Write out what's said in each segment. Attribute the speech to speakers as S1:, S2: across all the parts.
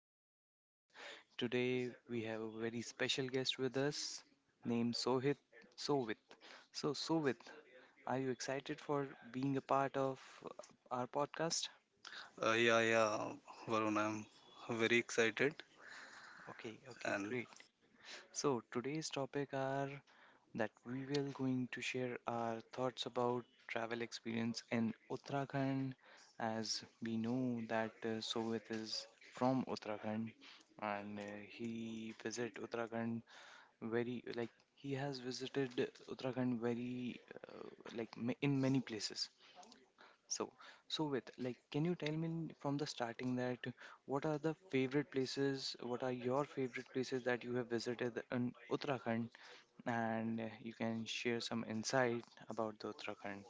S1: podcast. As today we have a very special guest with us named Sohit Sovit. So, Sovit, are you excited for being a part of our podcast?
S2: Uh, yeah, yeah, Varun, I'm very excited.
S1: Okay, okay,
S2: And
S1: great. So, today's topic are that we will going to share our thoughts about travel experience in Uttarakhand as we know that Sovet is from Uttarakhand and he visit Uttarakhand very like he has visited Uttarakhand very like in many places so Sovet like can you tell me from the starting that what are the favorite places what are your favorite places that you have visited in Uttarakhand and you can share some insight about the Uttarakhand.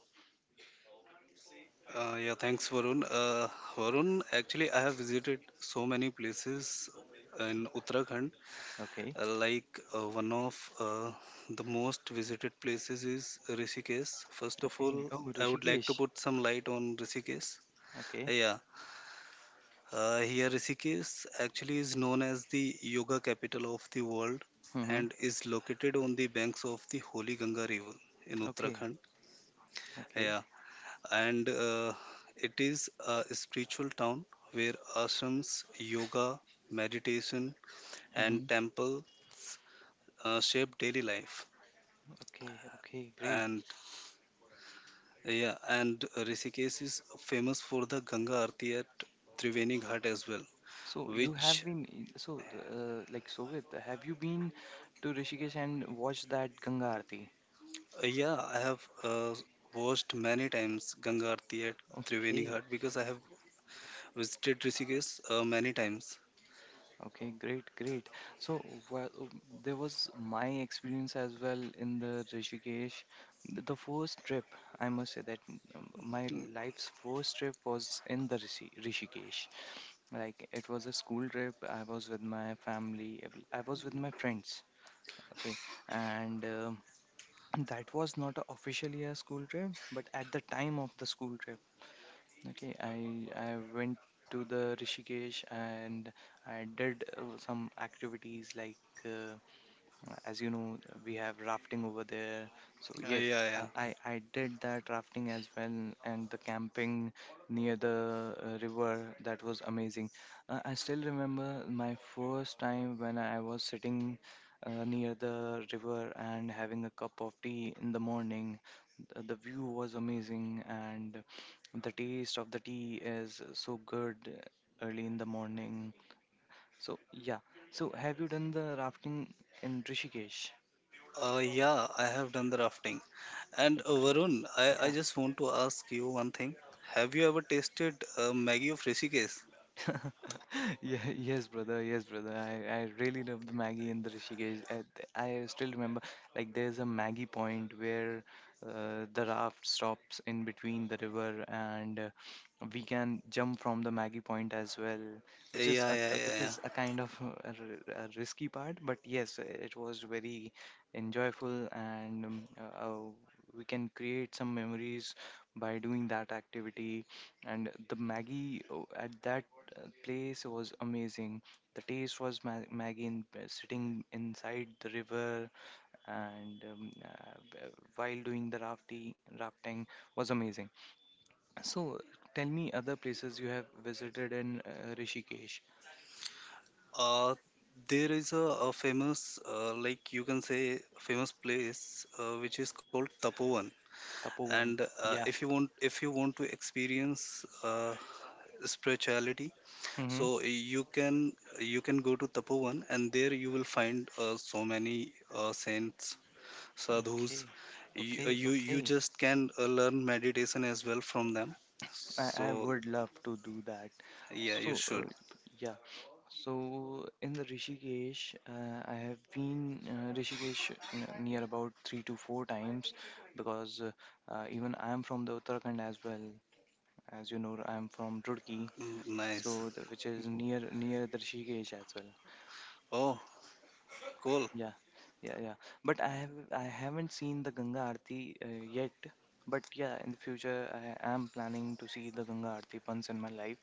S2: yeah, thanks, Varun. Varun, actually, I have visited so many places in Uttarakhand.
S1: Okay.
S2: Uh, like one of the most visited places is Rishikesh. First of
S1: Okay.
S2: all,
S1: Oh,
S2: I would like to
S1: Rishikesh.
S2: put some light on Rishikesh. Uh,
S1: Okay.
S2: Yeah, here Rishikesh actually is known as the yoga capital of the world
S1: Mm-hmm.
S2: and is located on the banks of the Holy Ganga River in
S1: Okay.
S2: Uttarakhand.
S1: Okay.
S2: Yeah, and it is a spiritual town where ashrams, yoga, meditation, and
S1: Mm-hmm.
S2: temples shape daily life.
S1: Okay. Okay. Great.
S2: And yeah, and Rishikesh is famous for the Ganga Aarti at Triveni Ghat as well,
S1: So you have
S2: which
S1: been, so like Sovit, have you been to Rishikesh and watched that Ganga Aarti?
S2: yeah, I have watched many times Ganga Aarti at Triveni
S1: Okay.
S2: Ghat because I have visited Rishikesh many times.
S1: Okay, great, great. So, well, there was my experience as well in the Rishikesh. The first trip, I must say that my
S2: Mm.
S1: life's first trip was in the Rishikesh. Like, it was a school trip. I was with my family. I was with my friends. Okay, and that was not a officially a school trip, but at the time of the school trip, okay, I went to the Rishikesh and I did some activities like uh, as you know, we have rafting over there. So yes,
S2: Yeah, yeah.
S1: I did that rafting as well, and the camping near the river, that was amazing. I still remember my first time when I was sitting near the river and having a cup of tea in the morning. The view was amazing, and the taste of the tea is so good early in the morning. So yeah. So have you done the rafting in Rishikesh?
S2: Yeah, I have done the rafting. And
S1: Great.
S2: Varun, I
S1: Yeah.
S2: just want to ask you one thing. Have you ever tasted Maggie of Rishikesh?
S1: Yeah, yes, brother. Yes, brother. I really love the Maggie in the Rishikesh. I still remember, like, there's a Maggie point where the raft stops in between the river, and we can jump from the Maggie point as well,
S2: Yeah, yeah, yeah,
S1: which
S2: yeah.
S1: is a kind of a risky part. But yes, it was very enjoyable, and we can create some memories by doing that activity, and the maggie, oh, at that place was amazing. The taste was Maggie sitting inside the river and while doing the rafting was amazing. So tell me other places you have visited in Rishikesh.
S2: Uh, there is a famous, like you can say, famous place which is called Tapovan. And
S1: Tapovan. Yeah.
S2: if you want to experience spirituality,
S1: Mm-hmm.
S2: so you can go to Tapovan, and there you will find so many saints sadhus
S1: Okay,
S2: you uh,
S1: okay,
S2: you, you
S1: okay.
S2: just can learn meditation as well from them
S1: I,
S2: so
S1: I would love to do that.
S2: yeah, you
S1: So,
S2: should.
S1: yeah. So in the Rishikesh, I have been Rishikesh near about three to four times because even I am from the Uttarakhand as well. As you know, I am from Roorkee,
S2: Mm, nice.
S1: so the, which is near the Rishikesh as well.
S2: Oh, cool.
S1: Yeah, yeah, yeah. But I haven't seen the Ganga Aarti yet. But yeah, in the future, I am planning to see the Ganga Aarti once in my life,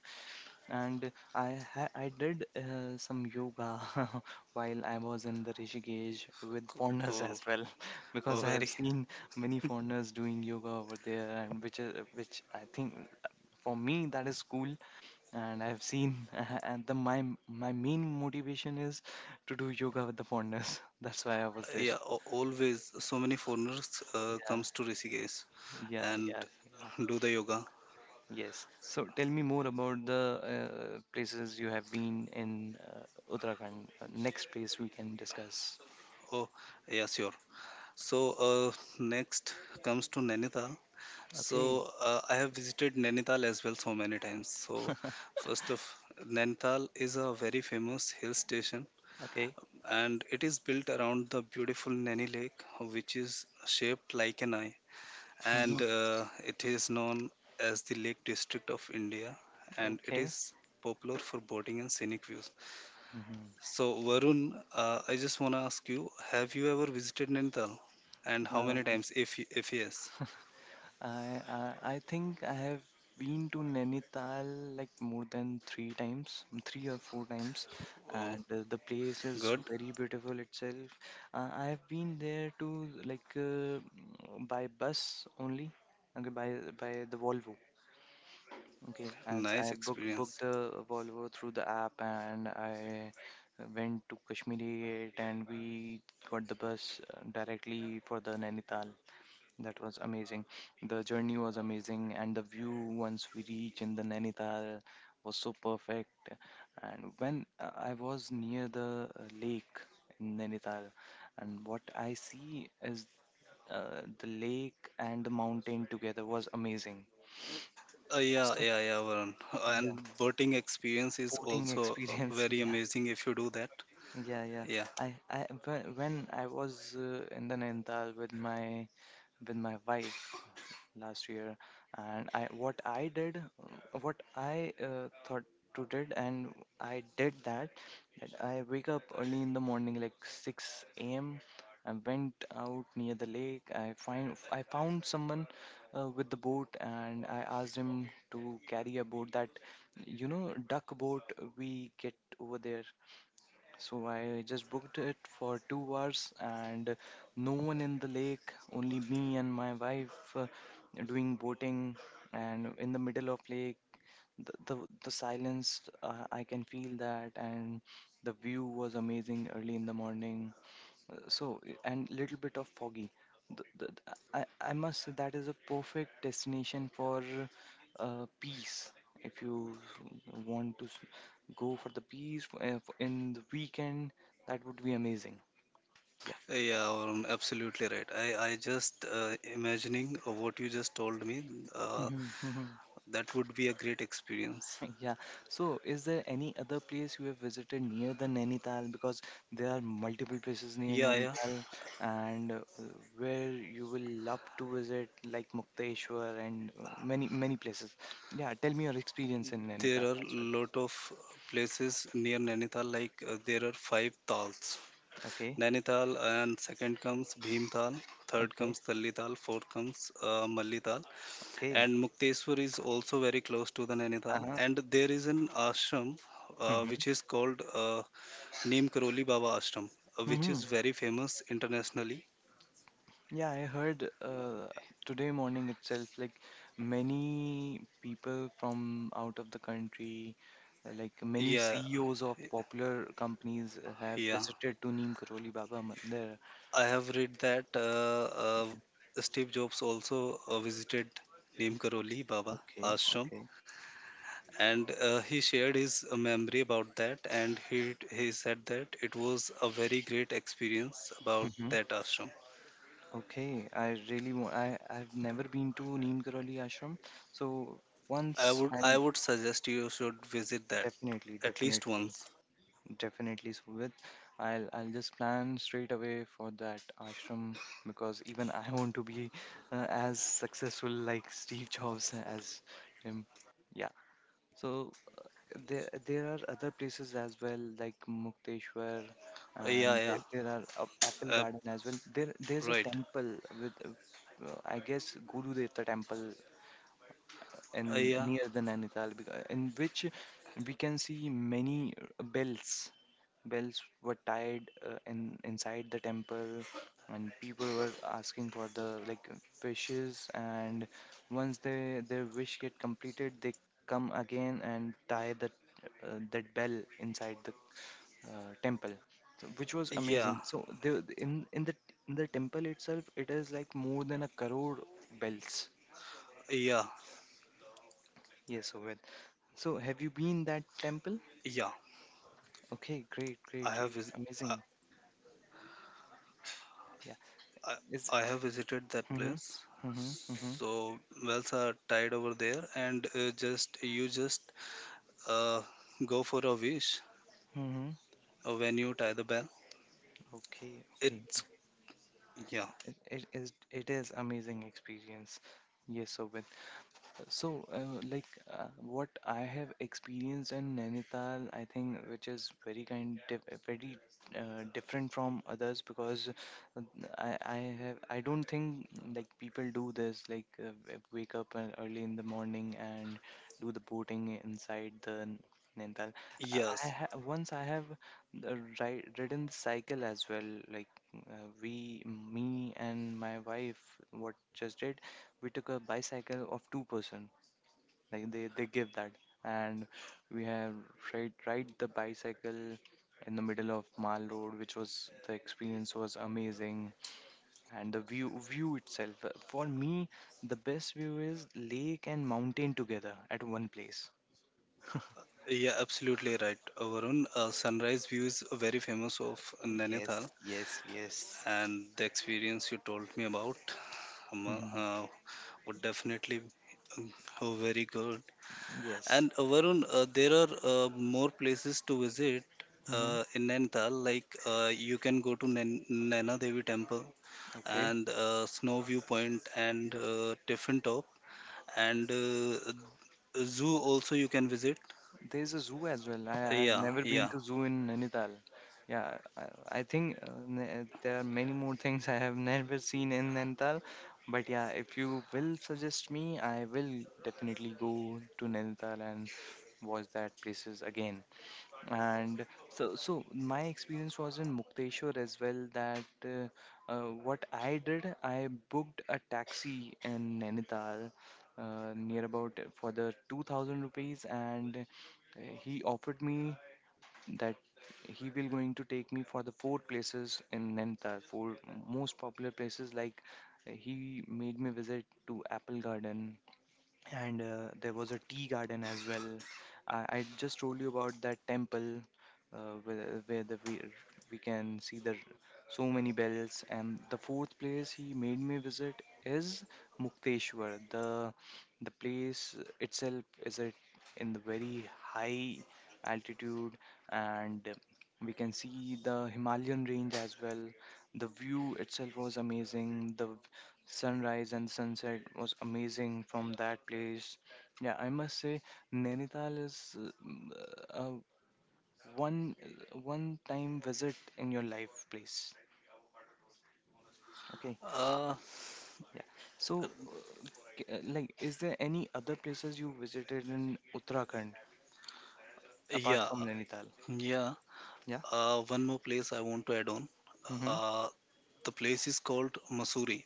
S1: and I did some yoga while I was in the Rishikesh with
S2: co-
S1: foreigners
S2: cool
S1: as well,
S2: Oh,
S1: because I have
S2: very
S1: seen many foreigners doing yoga over there, and which is, which I think, for me that is cool. And I have seen, and the my main motivation is to do yoga with the foreigners. That's why I was there.
S2: yeah. Always so many foreigners
S1: Yeah,
S2: comes to Rishikesh
S1: yeah,
S2: and
S1: yes, yeah.
S2: do the yoga.
S1: Yes. So tell me more about the places you have been in Uttarakhand. Next place we can discuss.
S2: Oh, yeah, sure. So, uh, next comes to Nainital. So
S1: Okay.
S2: I have visited Nainital as well so many times. So first of Nainital is a very famous hill station,
S1: Okay.
S2: and it is built around the beautiful Nani Lake, which is shaped like an eye, and
S1: Mhm.
S2: it is known as the Lake District of India, and it
S1: Okay.
S2: is popular for boating and scenic views.
S1: Mhm.
S2: So, Varun, I just want to ask you, have you ever visited Nainital, and how many
S1: Um,
S2: times? If if yes,
S1: I think I have been to Nainital like more than three times, three or four times,
S2: oh,
S1: and the place is
S2: good,
S1: very beautiful itself. I have been there to, like, by bus only, okay, by the Volvo. Okay, as I
S2: nice
S1: booked
S2: experience.
S1: the Volvo through the app, and I went to Kashmiri Gate and we got the bus directly for the Nainital. That was amazing. The journey was amazing, and the view once we reached in the Nainital was so perfect. And when I was near the lake in Nainital, and what I see is the lake and the mountain together was amazing. So,
S2: Yeah, Varun.
S1: yeah,
S2: And boating experience is
S1: boating
S2: also
S1: experience.
S2: very amazing if you do that.
S1: Yeah, yeah, yeah.
S2: Yeah.
S1: I when I was in the Nainital with my wife, last year, and I what I did, what I thought to did, and I did that. That I wake up early in the morning, like 6 a.m. I went out near the lake. I found someone with the boat, and I asked him to carry a boat duck boat we get over there, so I just booked it for 2 hours, and no one in the lake, only me and my wife doing boating. And in the middle of lake, the silence I can feel that, and the view was amazing early in the morning. So, and little bit of foggy. I must say that is a perfect destination for peace. If you want to go for the peace in the weekend, that would be amazing. Yeah.
S2: Yeah, absolutely right. I just imagining what you just told me, uh,
S1: Mm-hmm.
S2: that would be a great experience.
S1: Yeah. So, is there any other place you have visited near the Nainital? Because there are multiple places near
S2: Yeah, yeah.
S1: Nainital, and where you will love to visit, like Mukteshwar and many places. Yeah. Tell me your experience in
S2: There
S1: Nainital
S2: are
S1: as well.
S2: lot of places near Nainital, like there are five tals.
S1: Okay.
S2: Nainital, and second comes Bhimtal, third
S1: Okay.
S2: comes Tallital, fourth comes Mallital,
S1: Okay.
S2: and Mukteswar is also very close to the
S1: Uh
S2: Nainital.
S1: huh.
S2: And there is an ashram which is called named Karoli Baba Ashram, which
S1: Mm-hmm.
S2: is very famous internationally.
S1: Yeah, I heard today morning itself, like many people from out of the country, like many
S2: Yeah,
S1: CEOs of popular companies have
S2: yeah.
S1: visited to Neem Karoli Baba Mandir.
S2: I have read that
S1: Yeah.
S2: Steve Jobs also visited Neem Karoli Baba
S1: Okay,
S2: Ashram,
S1: okay.
S2: and he shared his memory about that, and he said that it was a very great experience about
S1: Hmm.
S2: that ashram.
S1: Okay, I really want, I've never been to Neem Karoli Ashram, so
S2: I
S1: once
S2: would I
S1: I'll,
S2: would suggest you should visit that
S1: definitely,
S2: at least
S1: definitely.
S2: once.
S1: Definitely, Suvit. I'll just plan straight away for that ashram because even I want to be as successful like Steve Jobs as him. Yeah. So there are other places as well like Mukteshwar,
S2: Uh, Yeah,
S1: and
S2: yeah,
S1: there are Apple
S2: uh,
S1: Garden as well. There's a
S2: right.
S1: temple with I guess Guru Deva temple in
S2: Yeah,
S1: near the Nainital, in which we can see many bells. Bells were tied, in inside the temple, and people were asking for the, like, wishes. And once they their wish get completed, they come again and tie the that bell inside the temple, so, which was
S2: yeah,
S1: amazing. So the in the temple itself, it is like more than a crore bells.
S2: yeah,
S1: Yes, Ovid. So, have you been that temple?
S2: yeah.
S1: Okay, great, great,
S2: I have
S1: great,
S2: vis- I,
S1: amazing. Yeah,
S2: I,
S1: is.
S2: I have visited that
S1: Mm-hmm,
S2: place.
S1: mm-hmm, mm-hmm,
S2: So wells are tied over there, and just you just uh, go for a wish
S1: mm-hmm.
S2: when you tie the bell.
S1: Okay, okay.
S2: It's yeah,
S1: It is amazing experience. Yes, so, so, like what I have experienced in Nainital, I think, which is very kind, dif very different from others, because uh, I, I I don't think like people do this, like wake up early in the morning and do the boating inside the Nainital. I
S2: yes,
S1: ha once I have ri ridden the cycle as well, like we, me and my wife, what just did, we took a bicycle of two person, like they give that, and we have ride the bicycle in the middle of Mall Road, which was, the experience was amazing, and the view itself, for me, the best view is lake and mountain together at one place.
S2: yeah, absolutely right, Varun. Sunrise view is very famous of
S1: Yes,
S2: Nainital,
S1: yes, yes,
S2: and the experience you told me about um,
S1: hmm,
S2: uh, would definitely um, very good.
S1: yes.
S2: And Varun, there are more places to visit
S1: Hmm,
S2: in Nainital. Like you can go to Naina Devi Temple
S1: okay.
S2: and Snow Viewpoint and Tiffin Top and zoo also you can visit.
S1: There's a zoo as well.
S2: Uh,
S1: I've
S2: yeah,
S1: never been
S2: yeah,
S1: to zoo in Nainital. Yeah, I think there are many more things I have never seen in Nainital. But yeah, if you will suggest me, I will definitely go to Nainital and watch that places again. And so, so my experience was in Mukteshwar as well. That what I did, I booked a taxi in Nainital, near about, for the 2,000 rupees, and he offered me that he will going to take me for the four places in Nainital, four most popular places. Like he made me visit to Apple Garden, and there was a tea garden as well. I just told you about that temple, uh, where we can see the so many bells. And the fourth place he made me visit is Mukteshwar. The place itself is it in the very high altitude, and we can see the Himalayan range as well. The view itself was amazing. The sunrise and sunset was amazing from that place. Yeah, I must say Nainital is uh, one time visit in your life place. Okay,
S2: uh,
S1: yeah. So, is there any other places you visited in Uttarakhand apart
S2: yeah,
S1: from Nainital?
S2: yeah.
S1: Yeah.
S2: One more place I want to add on.
S1: Mm-hmm.
S2: Uh, the place is called Masuri.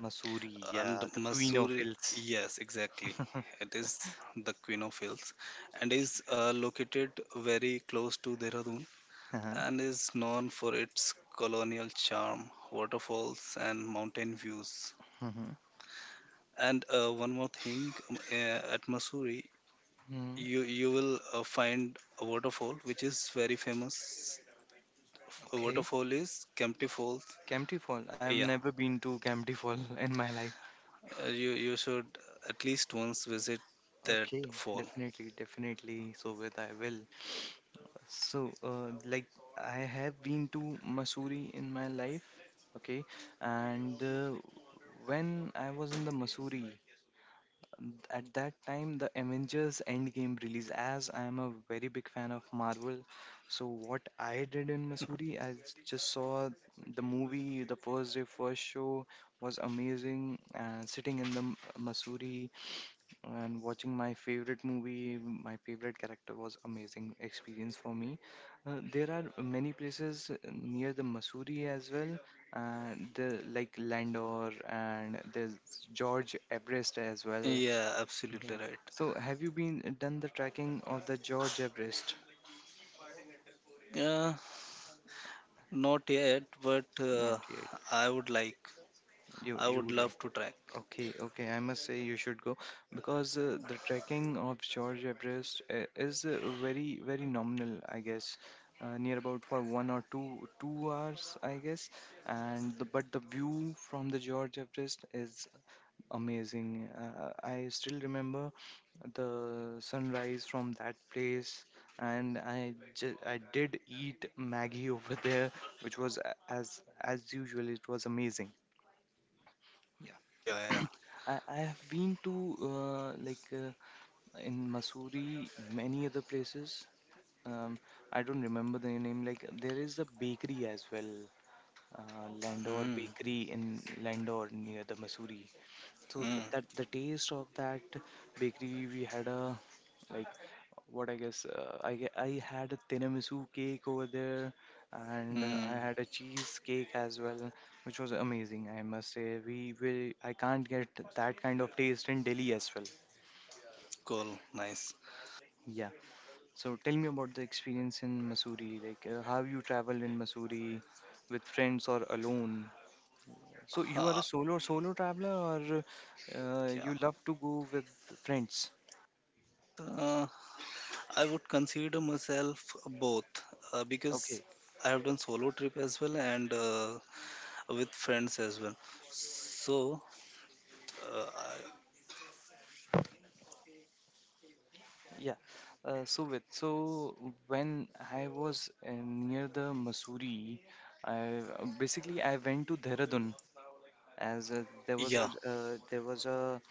S1: Mussoorie,
S2: And
S1: yeah, the queen of
S2: Mussoorie,
S1: hills.
S2: yes, exactly. It is the Queen of Hills and is located very close to Dehradun
S1: Uh-huh.
S2: and is known for its colonial charm, waterfalls, and mountain views.
S1: Mm-hmm.
S2: And one more thing, at Mussoorie,
S1: Mm-hmm.
S2: you will find a waterfall which is very famous. A
S1: Okay.
S2: waterfall is Kempty Falls.
S1: Camty Fall. I've
S2: Yeah,
S1: never been to Camty Fall in my life.
S2: you you should at least once visit that
S1: Okay,
S2: fall.
S1: definitely, definitely. So with I will. So I have been to Mussoorie in my life, okay, and when I was in the Mussoorie, at that time the Avengers Endgame release. As I am a very big fan of Marvel, so what I did in Mussoorie, just saw the movie. The first day, first show was amazing. And sitting in the Mussoorie and watching my favorite movie, my favorite character was amazing experience for me. There are many places near the Mussoorie as well, and the like Landor and there's George Everest as well.
S2: Yeah, absolutely
S1: Yeah.
S2: right.
S1: So have you been done the tracking of the George Everest?
S2: Uh, Not yet, but
S1: Not yet.
S2: I would like,
S1: You
S2: I
S1: you
S2: would
S1: would like.
S2: love to try.
S1: Okay, okay. I must say you should go because the trekking of George Everest is very, very nominal, I guess. Near about for 1 or 2 2 hours, I guess. But the view from the George Everest is amazing. I still remember the sunrise from that place, and I did eat Maggie over there, which was as usual, it was amazing. Yeah.
S2: Yeah, yeah,
S1: I have been to in Mussoorie, many other places. Um, I don't remember the name. Like there is a bakery as well, uh,
S2: yeah.
S1: Landor
S2: Mm,
S1: Bakery in Landor near the Mussoorie. So
S2: mm,
S1: that the taste of that bakery, we had a like what I guess I had a tiramisu cake over there, and I
S2: mm.
S1: had a cheese cake as well, which was amazing. I must say, we will I can't get that kind of taste in Delhi as well.
S2: Cool, nice.
S1: Yeah. So tell me about the experience in Missouri. Like how you traveled in Missouri, with friends or alone. So you are a
S2: Ah,
S1: solo traveler, or
S2: yeah.
S1: you love to go with friends?
S2: Uh, I would consider myself both because
S1: Okay.
S2: I have done solo trip as well and with friends as well. So, uh, I-
S1: Yeah. So with so when I was near the Missouri, I basically I went to Dehradun as
S2: yeah,
S1: there was a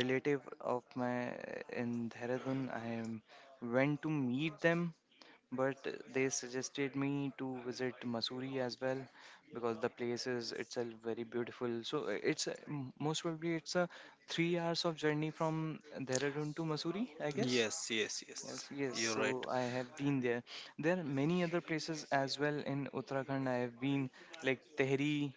S1: relative of my in Dehradun. I went to meet them, but they suggested me to visit Missouri as well because the place is itself very beautiful. So it's most probably it's a 3 hours of journey from Dehradun to Missouri, I guess.
S2: yes, yes, yes.
S1: Yes, yes,
S2: You're right.
S1: so I have been there. There are many other places as well in Uttarakhand. I have been like Tehri,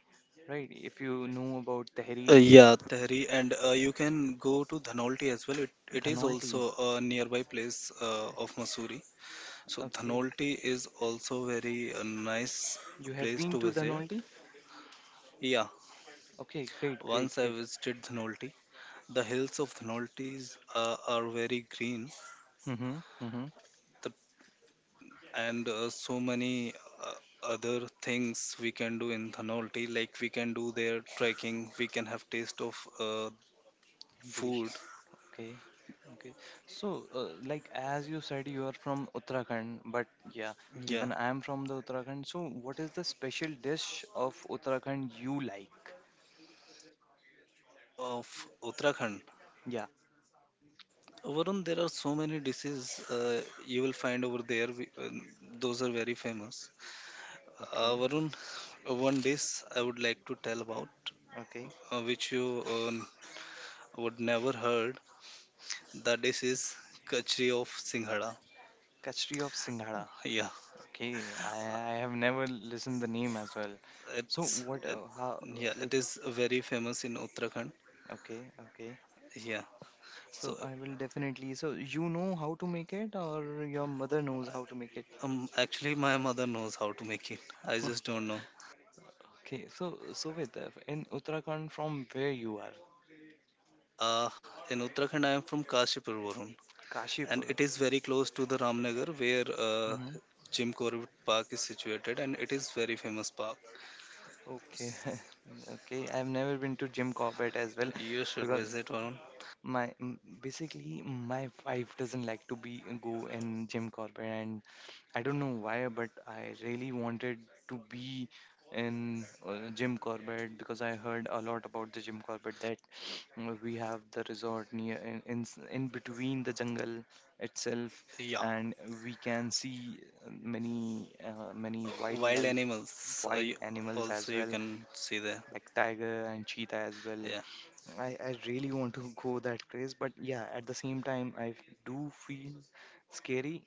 S1: right? If you know about Tehri,
S2: Yeah, Tehri, and you can go to Dhanolti as well. It is
S1: Dhanolti.
S2: also a nearby place of Missouri. So
S1: Okay,
S2: Dhanolti is also very nice
S1: you have
S2: place
S1: been
S2: to
S1: to
S2: visit.
S1: Dhanolti?
S2: Yeah,
S1: Okay, great, great,
S2: once I
S1: great.
S2: visited Dhanolti. The hills of Dhanolti are very green,
S1: Mm-hmm, mm-hmm.
S2: the, and so many uh, other things we can do in Dhanolti. Like we can do their trekking, we can have taste of food.
S1: Delicious. Okay, okay. So, as you said, you are from Uttarakhand, but yeah,
S2: Yeah,
S1: even I am from the Uttarakhand. So, what is the special dish of Uttarakhand you like?
S2: of Uttarakhand.
S1: Yeah.
S2: Varun, there are so many dishes you will find over there. Those are very famous.
S1: Okay,
S2: Varun, one dish I would like to tell about,
S1: okay.
S2: which you would never heard. That dish is kachri of Singhada.
S1: Kachri of Singhara.
S2: Yeah,
S1: Okay, I have never listened the name as well. So
S2: it's
S1: what?
S2: it,
S1: How?
S2: yeah, it
S1: Like
S2: is very famous in Uttarakhand.
S1: okay, okay.
S2: Yeah,
S1: So
S2: so
S1: I will definitely. So you know how to make it, or your mother knows how to make it.
S2: actually my mother knows how to make it. I just don't know.
S1: Okay, so so with in Uttarakhand from where you are,
S2: Uh, in Uttarakhand, I am from Kashipur, Varun. And
S1: Kashipur.
S2: it is very close to the Ramnagar where
S1: Hmm.
S2: Jim Corbett Park is situated, and it is very famous park.
S1: Okay, okay. I've never been to Jim Corbett as well,
S2: You should
S1: because
S2: visit, Varun.
S1: My mm, basically my wife doesn't like to be go in Jim Corbett and I don't know why but I really wanted to be in Jim Corbett because I heard a lot about the Jim Corbett that we have the resort near in between the jungle itself
S2: Yeah,
S1: and we can see many
S2: wild
S1: wildlife
S2: animals
S1: wild animals
S2: also
S1: as
S2: you
S1: well
S2: can see there.
S1: like tiger and cheetah as well.
S2: Yeah,
S1: I really want to go that craze, but yeah, at the same time, do feel scary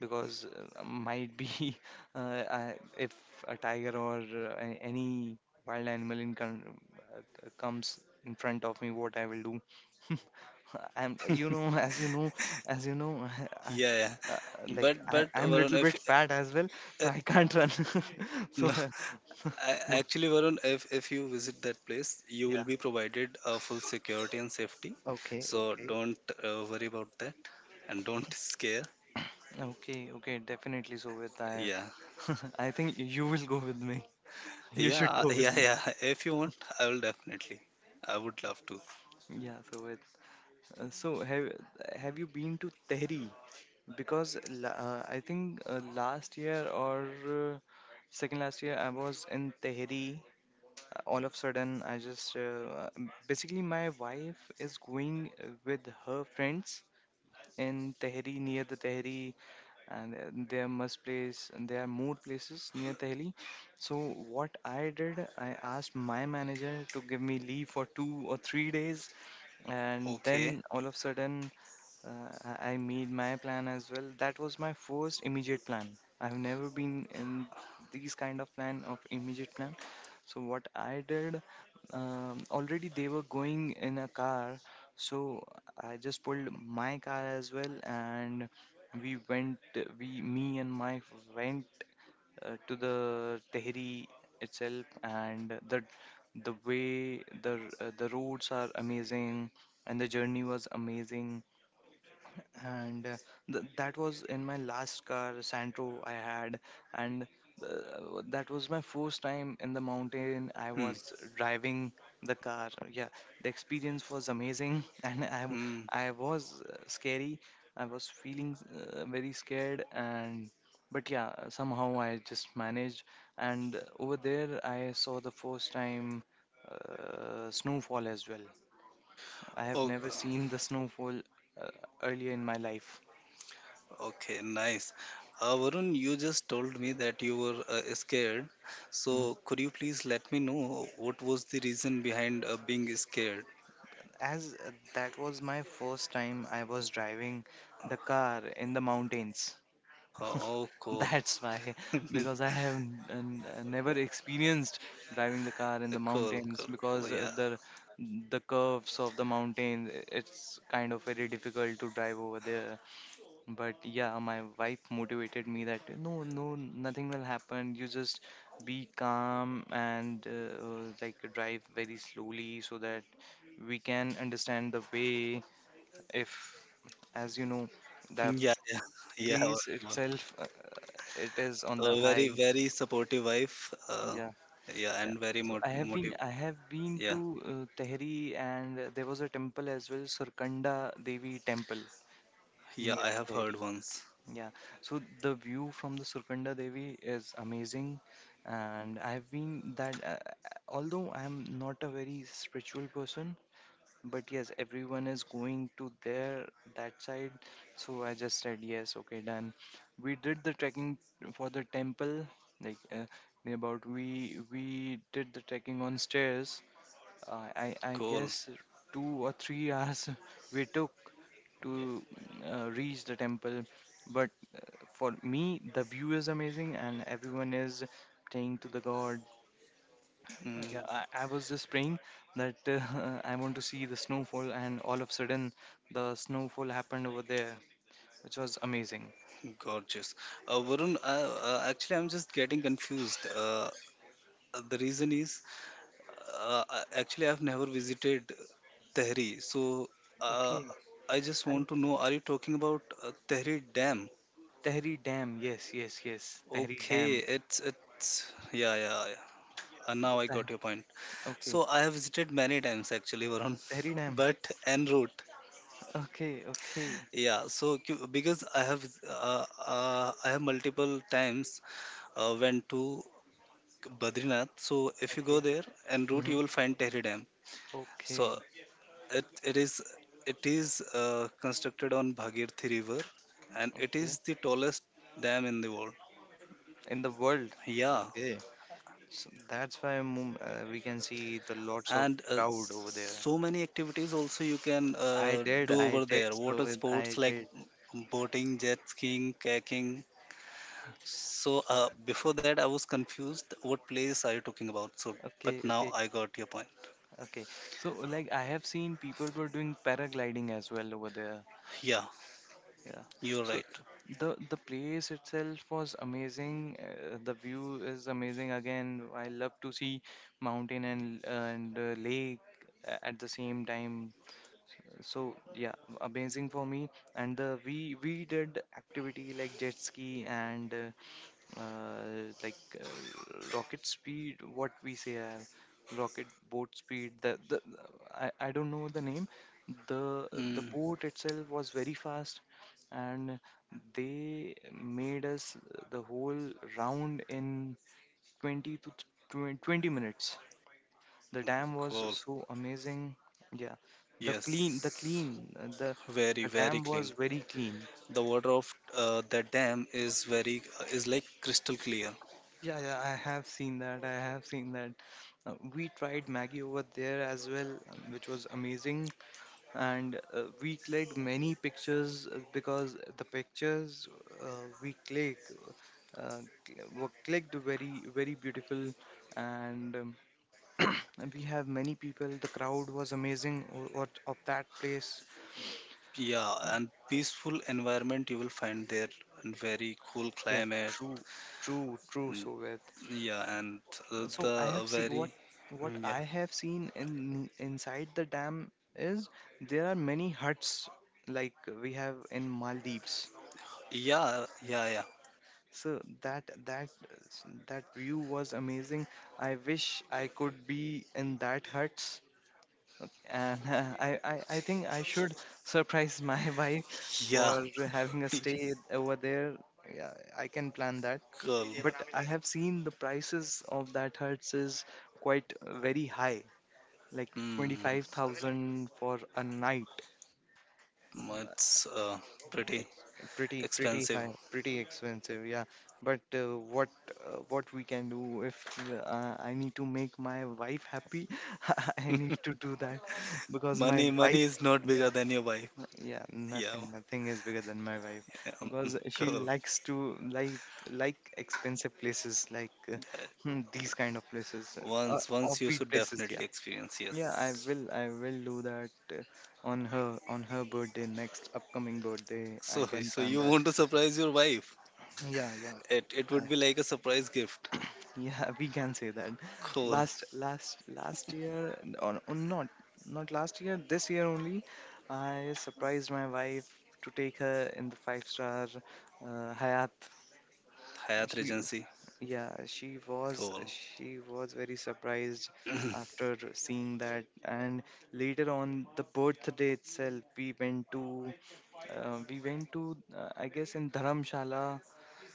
S1: because might be if a tiger or any wild animal comes in front of me, what I will do. I'm, you know, as you know, I,
S2: yeah, yeah.
S1: uh,
S2: But
S1: I,
S2: but
S1: I'm
S2: Varun,
S1: little
S2: if
S1: bit fat as well,
S2: uh,
S1: so I can't run. so,
S2: no,
S1: uh, mo-
S2: actually Varun, if you visit that place, you will
S1: yeah,
S2: be provided full security and safety.
S1: okay,
S2: So
S1: okay.
S2: don't worry about that and don't scare.
S1: Okay, okay, definitely. So with
S2: Yeah.
S1: I think you will go with me. You should
S2: Yeah,
S1: go with
S2: yeah,
S1: me.
S2: yeah. If you want, I will definitely. I would love to.
S1: Yeah. So with uh, so have have you been to Tehri? Because I think last year or second last year I was in Tehri. All of a sudden, I just basically my wife is going with her friends in Tehri near the Tehri and there must place and there are more places near Delhi. So what I did, I asked my manager to give me leave for 2 or 3 days, and
S2: Okay.
S1: then all of a sudden I made my plan as well. That was my first immediate plan. I've never been in these kind of plan of immediate plan. So what I did, already they were going in a car, so I just pulled my car as well and we went we me and my went to the Tehri itself and the way the roads are amazing and the journey was amazing and that was in my last car santro I had, and that was my first time in the mountain I
S2: Hmm.
S1: was driving the car. Yeah, the experience was amazing.
S2: Hmm.
S1: I was scary. I was feeling very scared, and but yeah somehow I just managed, and over there I saw the first time snowfall as well. I have
S2: Oh,
S1: never seen the snowfall uh, earlier in my life.
S2: okay. Nice. Varun, you just told me that you were scared.
S1: Mhm.
S2: So, could you please let me know what was the reason behind being scared?
S1: As that was my first time I was driving the car in the mountains.
S2: Oh, cool.
S1: That's why, because I have never experienced driving the car in the
S2: Cool,
S1: mountains
S2: cool, cool.
S1: because
S2: Yeah.
S1: the curves of the mountain it's kind of very difficult to drive over there. But yeah, my wife motivated me that no, no, nothing will happen. You just be calm and drive very slowly so that we can understand the way, if as you know the
S2: Yeah, yeah, yeah.
S1: place
S2: Varun.
S1: itself it is on the
S2: A very,
S1: high.
S2: very supportive wife.
S1: Yeah,
S2: Yeah,
S1: yeah,
S2: and very
S1: so
S2: motive.
S1: I have been to
S2: Yeah,
S1: Tehri, and there was a temple as well, Surkanda Devi temple
S2: yeah.
S1: near
S2: I have heard
S1: Tehri.
S2: once.
S1: Yeah, so the view from the Surkanda Devi is amazing, and I have been that although I am not a very spiritual person. But yes, everyone is going to their that side. So I just said yes, okay, done. We did the trekking for the temple, like uh, near about we did the trekking on stairs.
S2: Hmm,
S1: I
S2: cool.
S1: guess 2 or 3 hours we took to reach the temple, but for me the view is amazing and everyone is praying to the god. Yeah,
S2: Mm,
S1: I was just praying that I want to see the snowfall, and all of a sudden, the snowfall happened over there, which was amazing.
S2: gorgeous. Varun, actually, I'm just getting confused. The reason is, actually, I've never visited Tehri, so uh,
S1: Okay,
S2: I just want
S1: I
S2: to know, are you talking about Tehri Dam?
S1: Tehri Dam. Yes, yes, yes, Tehri
S2: Okay,
S1: Dam.
S2: it's yeah, yeah, yeah.
S1: The
S2: Now I got
S1: Teh-
S2: your point.
S1: okay,
S2: So I have visited many times actually, Varun,
S1: Tehri Dam.
S2: but en route.
S1: Okay, okay.
S2: Yeah, so because I have multiple times went to Badrinath. So if you go
S1: Okay.
S2: there and route,
S1: Hmm.
S2: you will find Tehri Dam. So
S1: Okay,
S2: it, it is it is constructed on Bhagirathi River, and it is
S1: okay.
S2: the tallest dam in the world.
S1: In the world.
S2: Yeah,
S1: Okay. So that's why we can see the lots of
S2: and
S1: crowd over there.
S2: so many activities also you can
S1: I did,
S2: do
S1: I
S2: over
S1: did.
S2: there.
S1: So
S2: Water
S1: with
S2: sports
S1: I
S2: like
S1: did.
S2: boating, jet skiing, kayaking. So before that, I was confused. What place are you talking about? So, but
S1: Okay,
S2: now
S1: okay.
S2: I got your point.
S1: Okay. So like I have seen people were doing paragliding as well over there.
S2: Yeah,
S1: Yeah.
S2: you're
S1: So
S2: right.
S1: the place itself was amazing. The view is amazing again. I love to see mountain and lake at the same time. So yeah, amazing for me. And the we did activity like jet ski and uh, like uh, rocket speed what we say rocket boat speed, the I don't know the name. the the
S2: Mm,
S1: boat itself was very fast, and they made us the whole round in 20 to 20 minutes. The dam was
S2: cool.
S1: so amazing. Yeah, the
S2: Yes,
S1: clean
S2: very
S1: the
S2: very
S1: dam was
S2: clean.
S1: very clean.
S2: The water of that dam is very is like crystal clear.
S1: Yeah, yeah, I have seen that. I have seen that. We tried Maggie over there as well, which was amazing. And we clicked many pictures because the pictures uh, we click uh, were clicked very, very beautiful. And and we have many people. The crowd was amazing of that place.
S2: Yeah,
S1: Uh,
S2: and peaceful environment you will find there, and very cool
S1: Yeah,
S2: climate.
S1: true, true, true,
S2: Mm.
S1: Sovet.
S2: Yeah, and
S1: So I
S2: the
S1: have seen what
S2: very mm, yeah,
S1: I have seen in inside the dam is there are many huts like we have in Maldives.
S2: yeah, yeah,
S1: So that view was amazing. I wish I could be in that huts. And I think I should surprise my wife
S2: yeah,
S1: for having a
S2: yeah,
S1: stay over there. Yeah, I can plan that.
S2: cool.
S1: But I have seen the prices of that huts is quite very high, like
S2: Hmm,
S1: 25,000 for a night.
S2: it's pretty
S1: It's pretty
S2: expensive.
S1: high, pretty expensive, yeah. But what we can do if I need to make my wife happy. I need to do that because my
S2: Money money
S1: wife,
S2: is not
S1: yeah,
S2: bigger than your wife.
S1: yeah,
S2: Yeah,
S1: nothing, nothing is bigger than my wife
S2: um,
S1: because she
S2: cool.
S1: likes to like expensive places like these kind of places,
S2: Once, once you
S1: offbeat
S2: should
S1: places,
S2: definitely
S1: yeah.
S2: experience.
S1: Yeah, I
S2: Yes.
S1: will. I will do that on her birthday, next upcoming birthday. I
S2: So,
S1: can
S2: so
S1: plan
S2: you
S1: that.
S2: want to surprise your wife?
S1: Yeah, yeah.
S2: It would
S1: I,
S2: be like a surprise gift.
S1: Yeah, we can say that.
S2: Cool.
S1: Last year or not not last year, this year only, I surprised my wife to take her in the five star Hyatt.
S2: Hyatt
S1: She
S2: Regency.
S1: Yeah,
S2: Cool.
S1: she was very surprised after seeing that, and later on the birthday itself, we went to I guess in Dharamshala,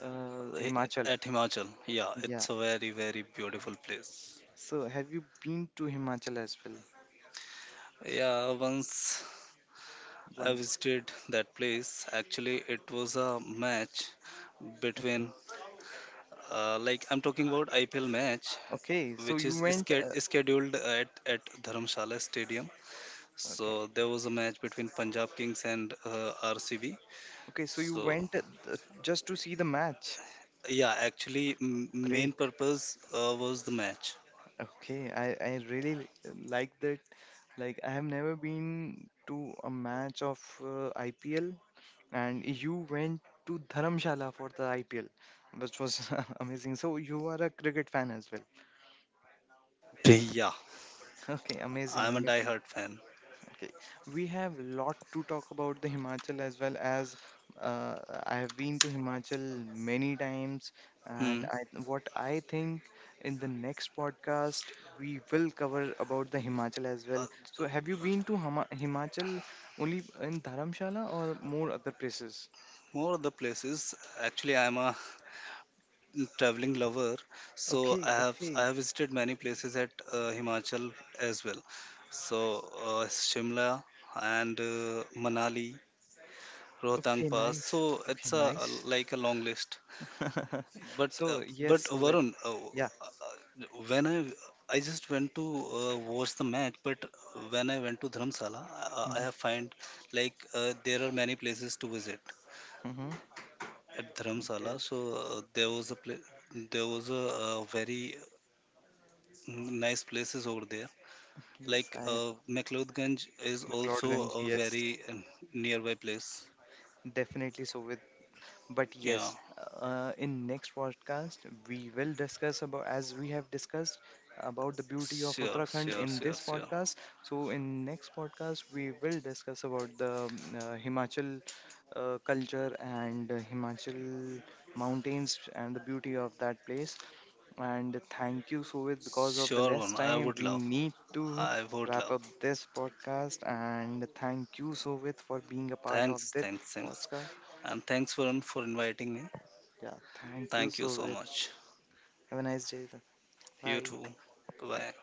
S2: Hi-
S1: Himachal.
S2: At Himachal. Yeah,
S1: Yeah.
S2: it's a very, very beautiful place.
S1: So have you been to Himachal as well
S2: Yeah, once I
S1: once?
S2: visited that place. Actually, it was a match
S1: Okay.
S2: between, like I'm talking about IPL match,
S1: Okay. So
S2: which
S1: you
S2: is
S1: went.
S2: scheduled at Dharamshala Stadium. So
S1: Okay.
S2: there was a match between Punjab Kings and RCB.
S1: Okay. So you
S2: So
S1: went just to see the match.
S2: yeah, actually, main
S1: Great.
S2: purpose was the match.
S1: Okay, I really like that. Like I have never been to a match of IPL, and you went to Dharamshala for the IPL, which was amazing. So you are a cricket fan as well.
S2: Yeah,
S1: Okay, amazing,
S2: I'm a
S1: amazing.
S2: diehard fan.
S1: Okay, we have a lot to talk about the Himachal as well as uh, I have been to Himachal many times,
S2: Hmm.
S1: and I what I think in the next podcast we will cover about the Himachal as well. So,
S2: Uh,
S1: have you been to Hama Himachal only in Dharamshala or more other places?
S2: More other places. Actually, I'm a traveling lover, so I
S1: Okay,
S2: have I
S1: okay,
S2: have visited many places at Himachal as well. So Shimla and Manali, Rohtang
S1: okay,
S2: Pass.
S1: nice,
S2: So it's
S1: okay,
S2: a
S1: nice.
S2: like a long list. But uh,
S1: So, yes,
S2: but
S1: so with
S2: Varun,
S1: yeah,
S2: when I just went to watch the match, but when I went to Dharamsala, I have find like there are many places to visit
S1: mm-hmm,
S2: at
S1: there,
S2: Dharamsala. So there was a very nice places over there.
S1: yes,
S2: Like
S1: I have.
S2: McLeodganj is also
S1: McLeodganj,
S2: a
S1: yes.
S2: very nearby place.
S1: Definitely so with but
S2: Yeah,
S1: yes in next podcast we will discuss about as we have discussed about the beauty of
S2: sure,
S1: Uttarakhand
S2: sure,
S1: in
S2: sure,
S1: this
S2: sure.
S1: podcast, so in next podcast we will discuss about the Himachal culture and Himachal mountains and the beauty of that place. And thank you Sovit, because of the
S2: Sure,
S1: less
S2: one. I
S1: time
S2: would
S1: we
S2: love.
S1: need to
S2: I would
S1: wrap
S2: love.
S1: up this podcast, and thank you Sovit for being a part of
S2: Thanks,
S1: this
S2: thanks, thanks.
S1: podcast.
S2: And thanks, Varun, for inviting me.
S1: Yeah, thank you,
S2: Thank you so
S1: Sovet.
S2: much.
S1: Have a nice day.
S2: You
S1: Bye.
S2: too. Bye
S1: Yeah.
S2: bye.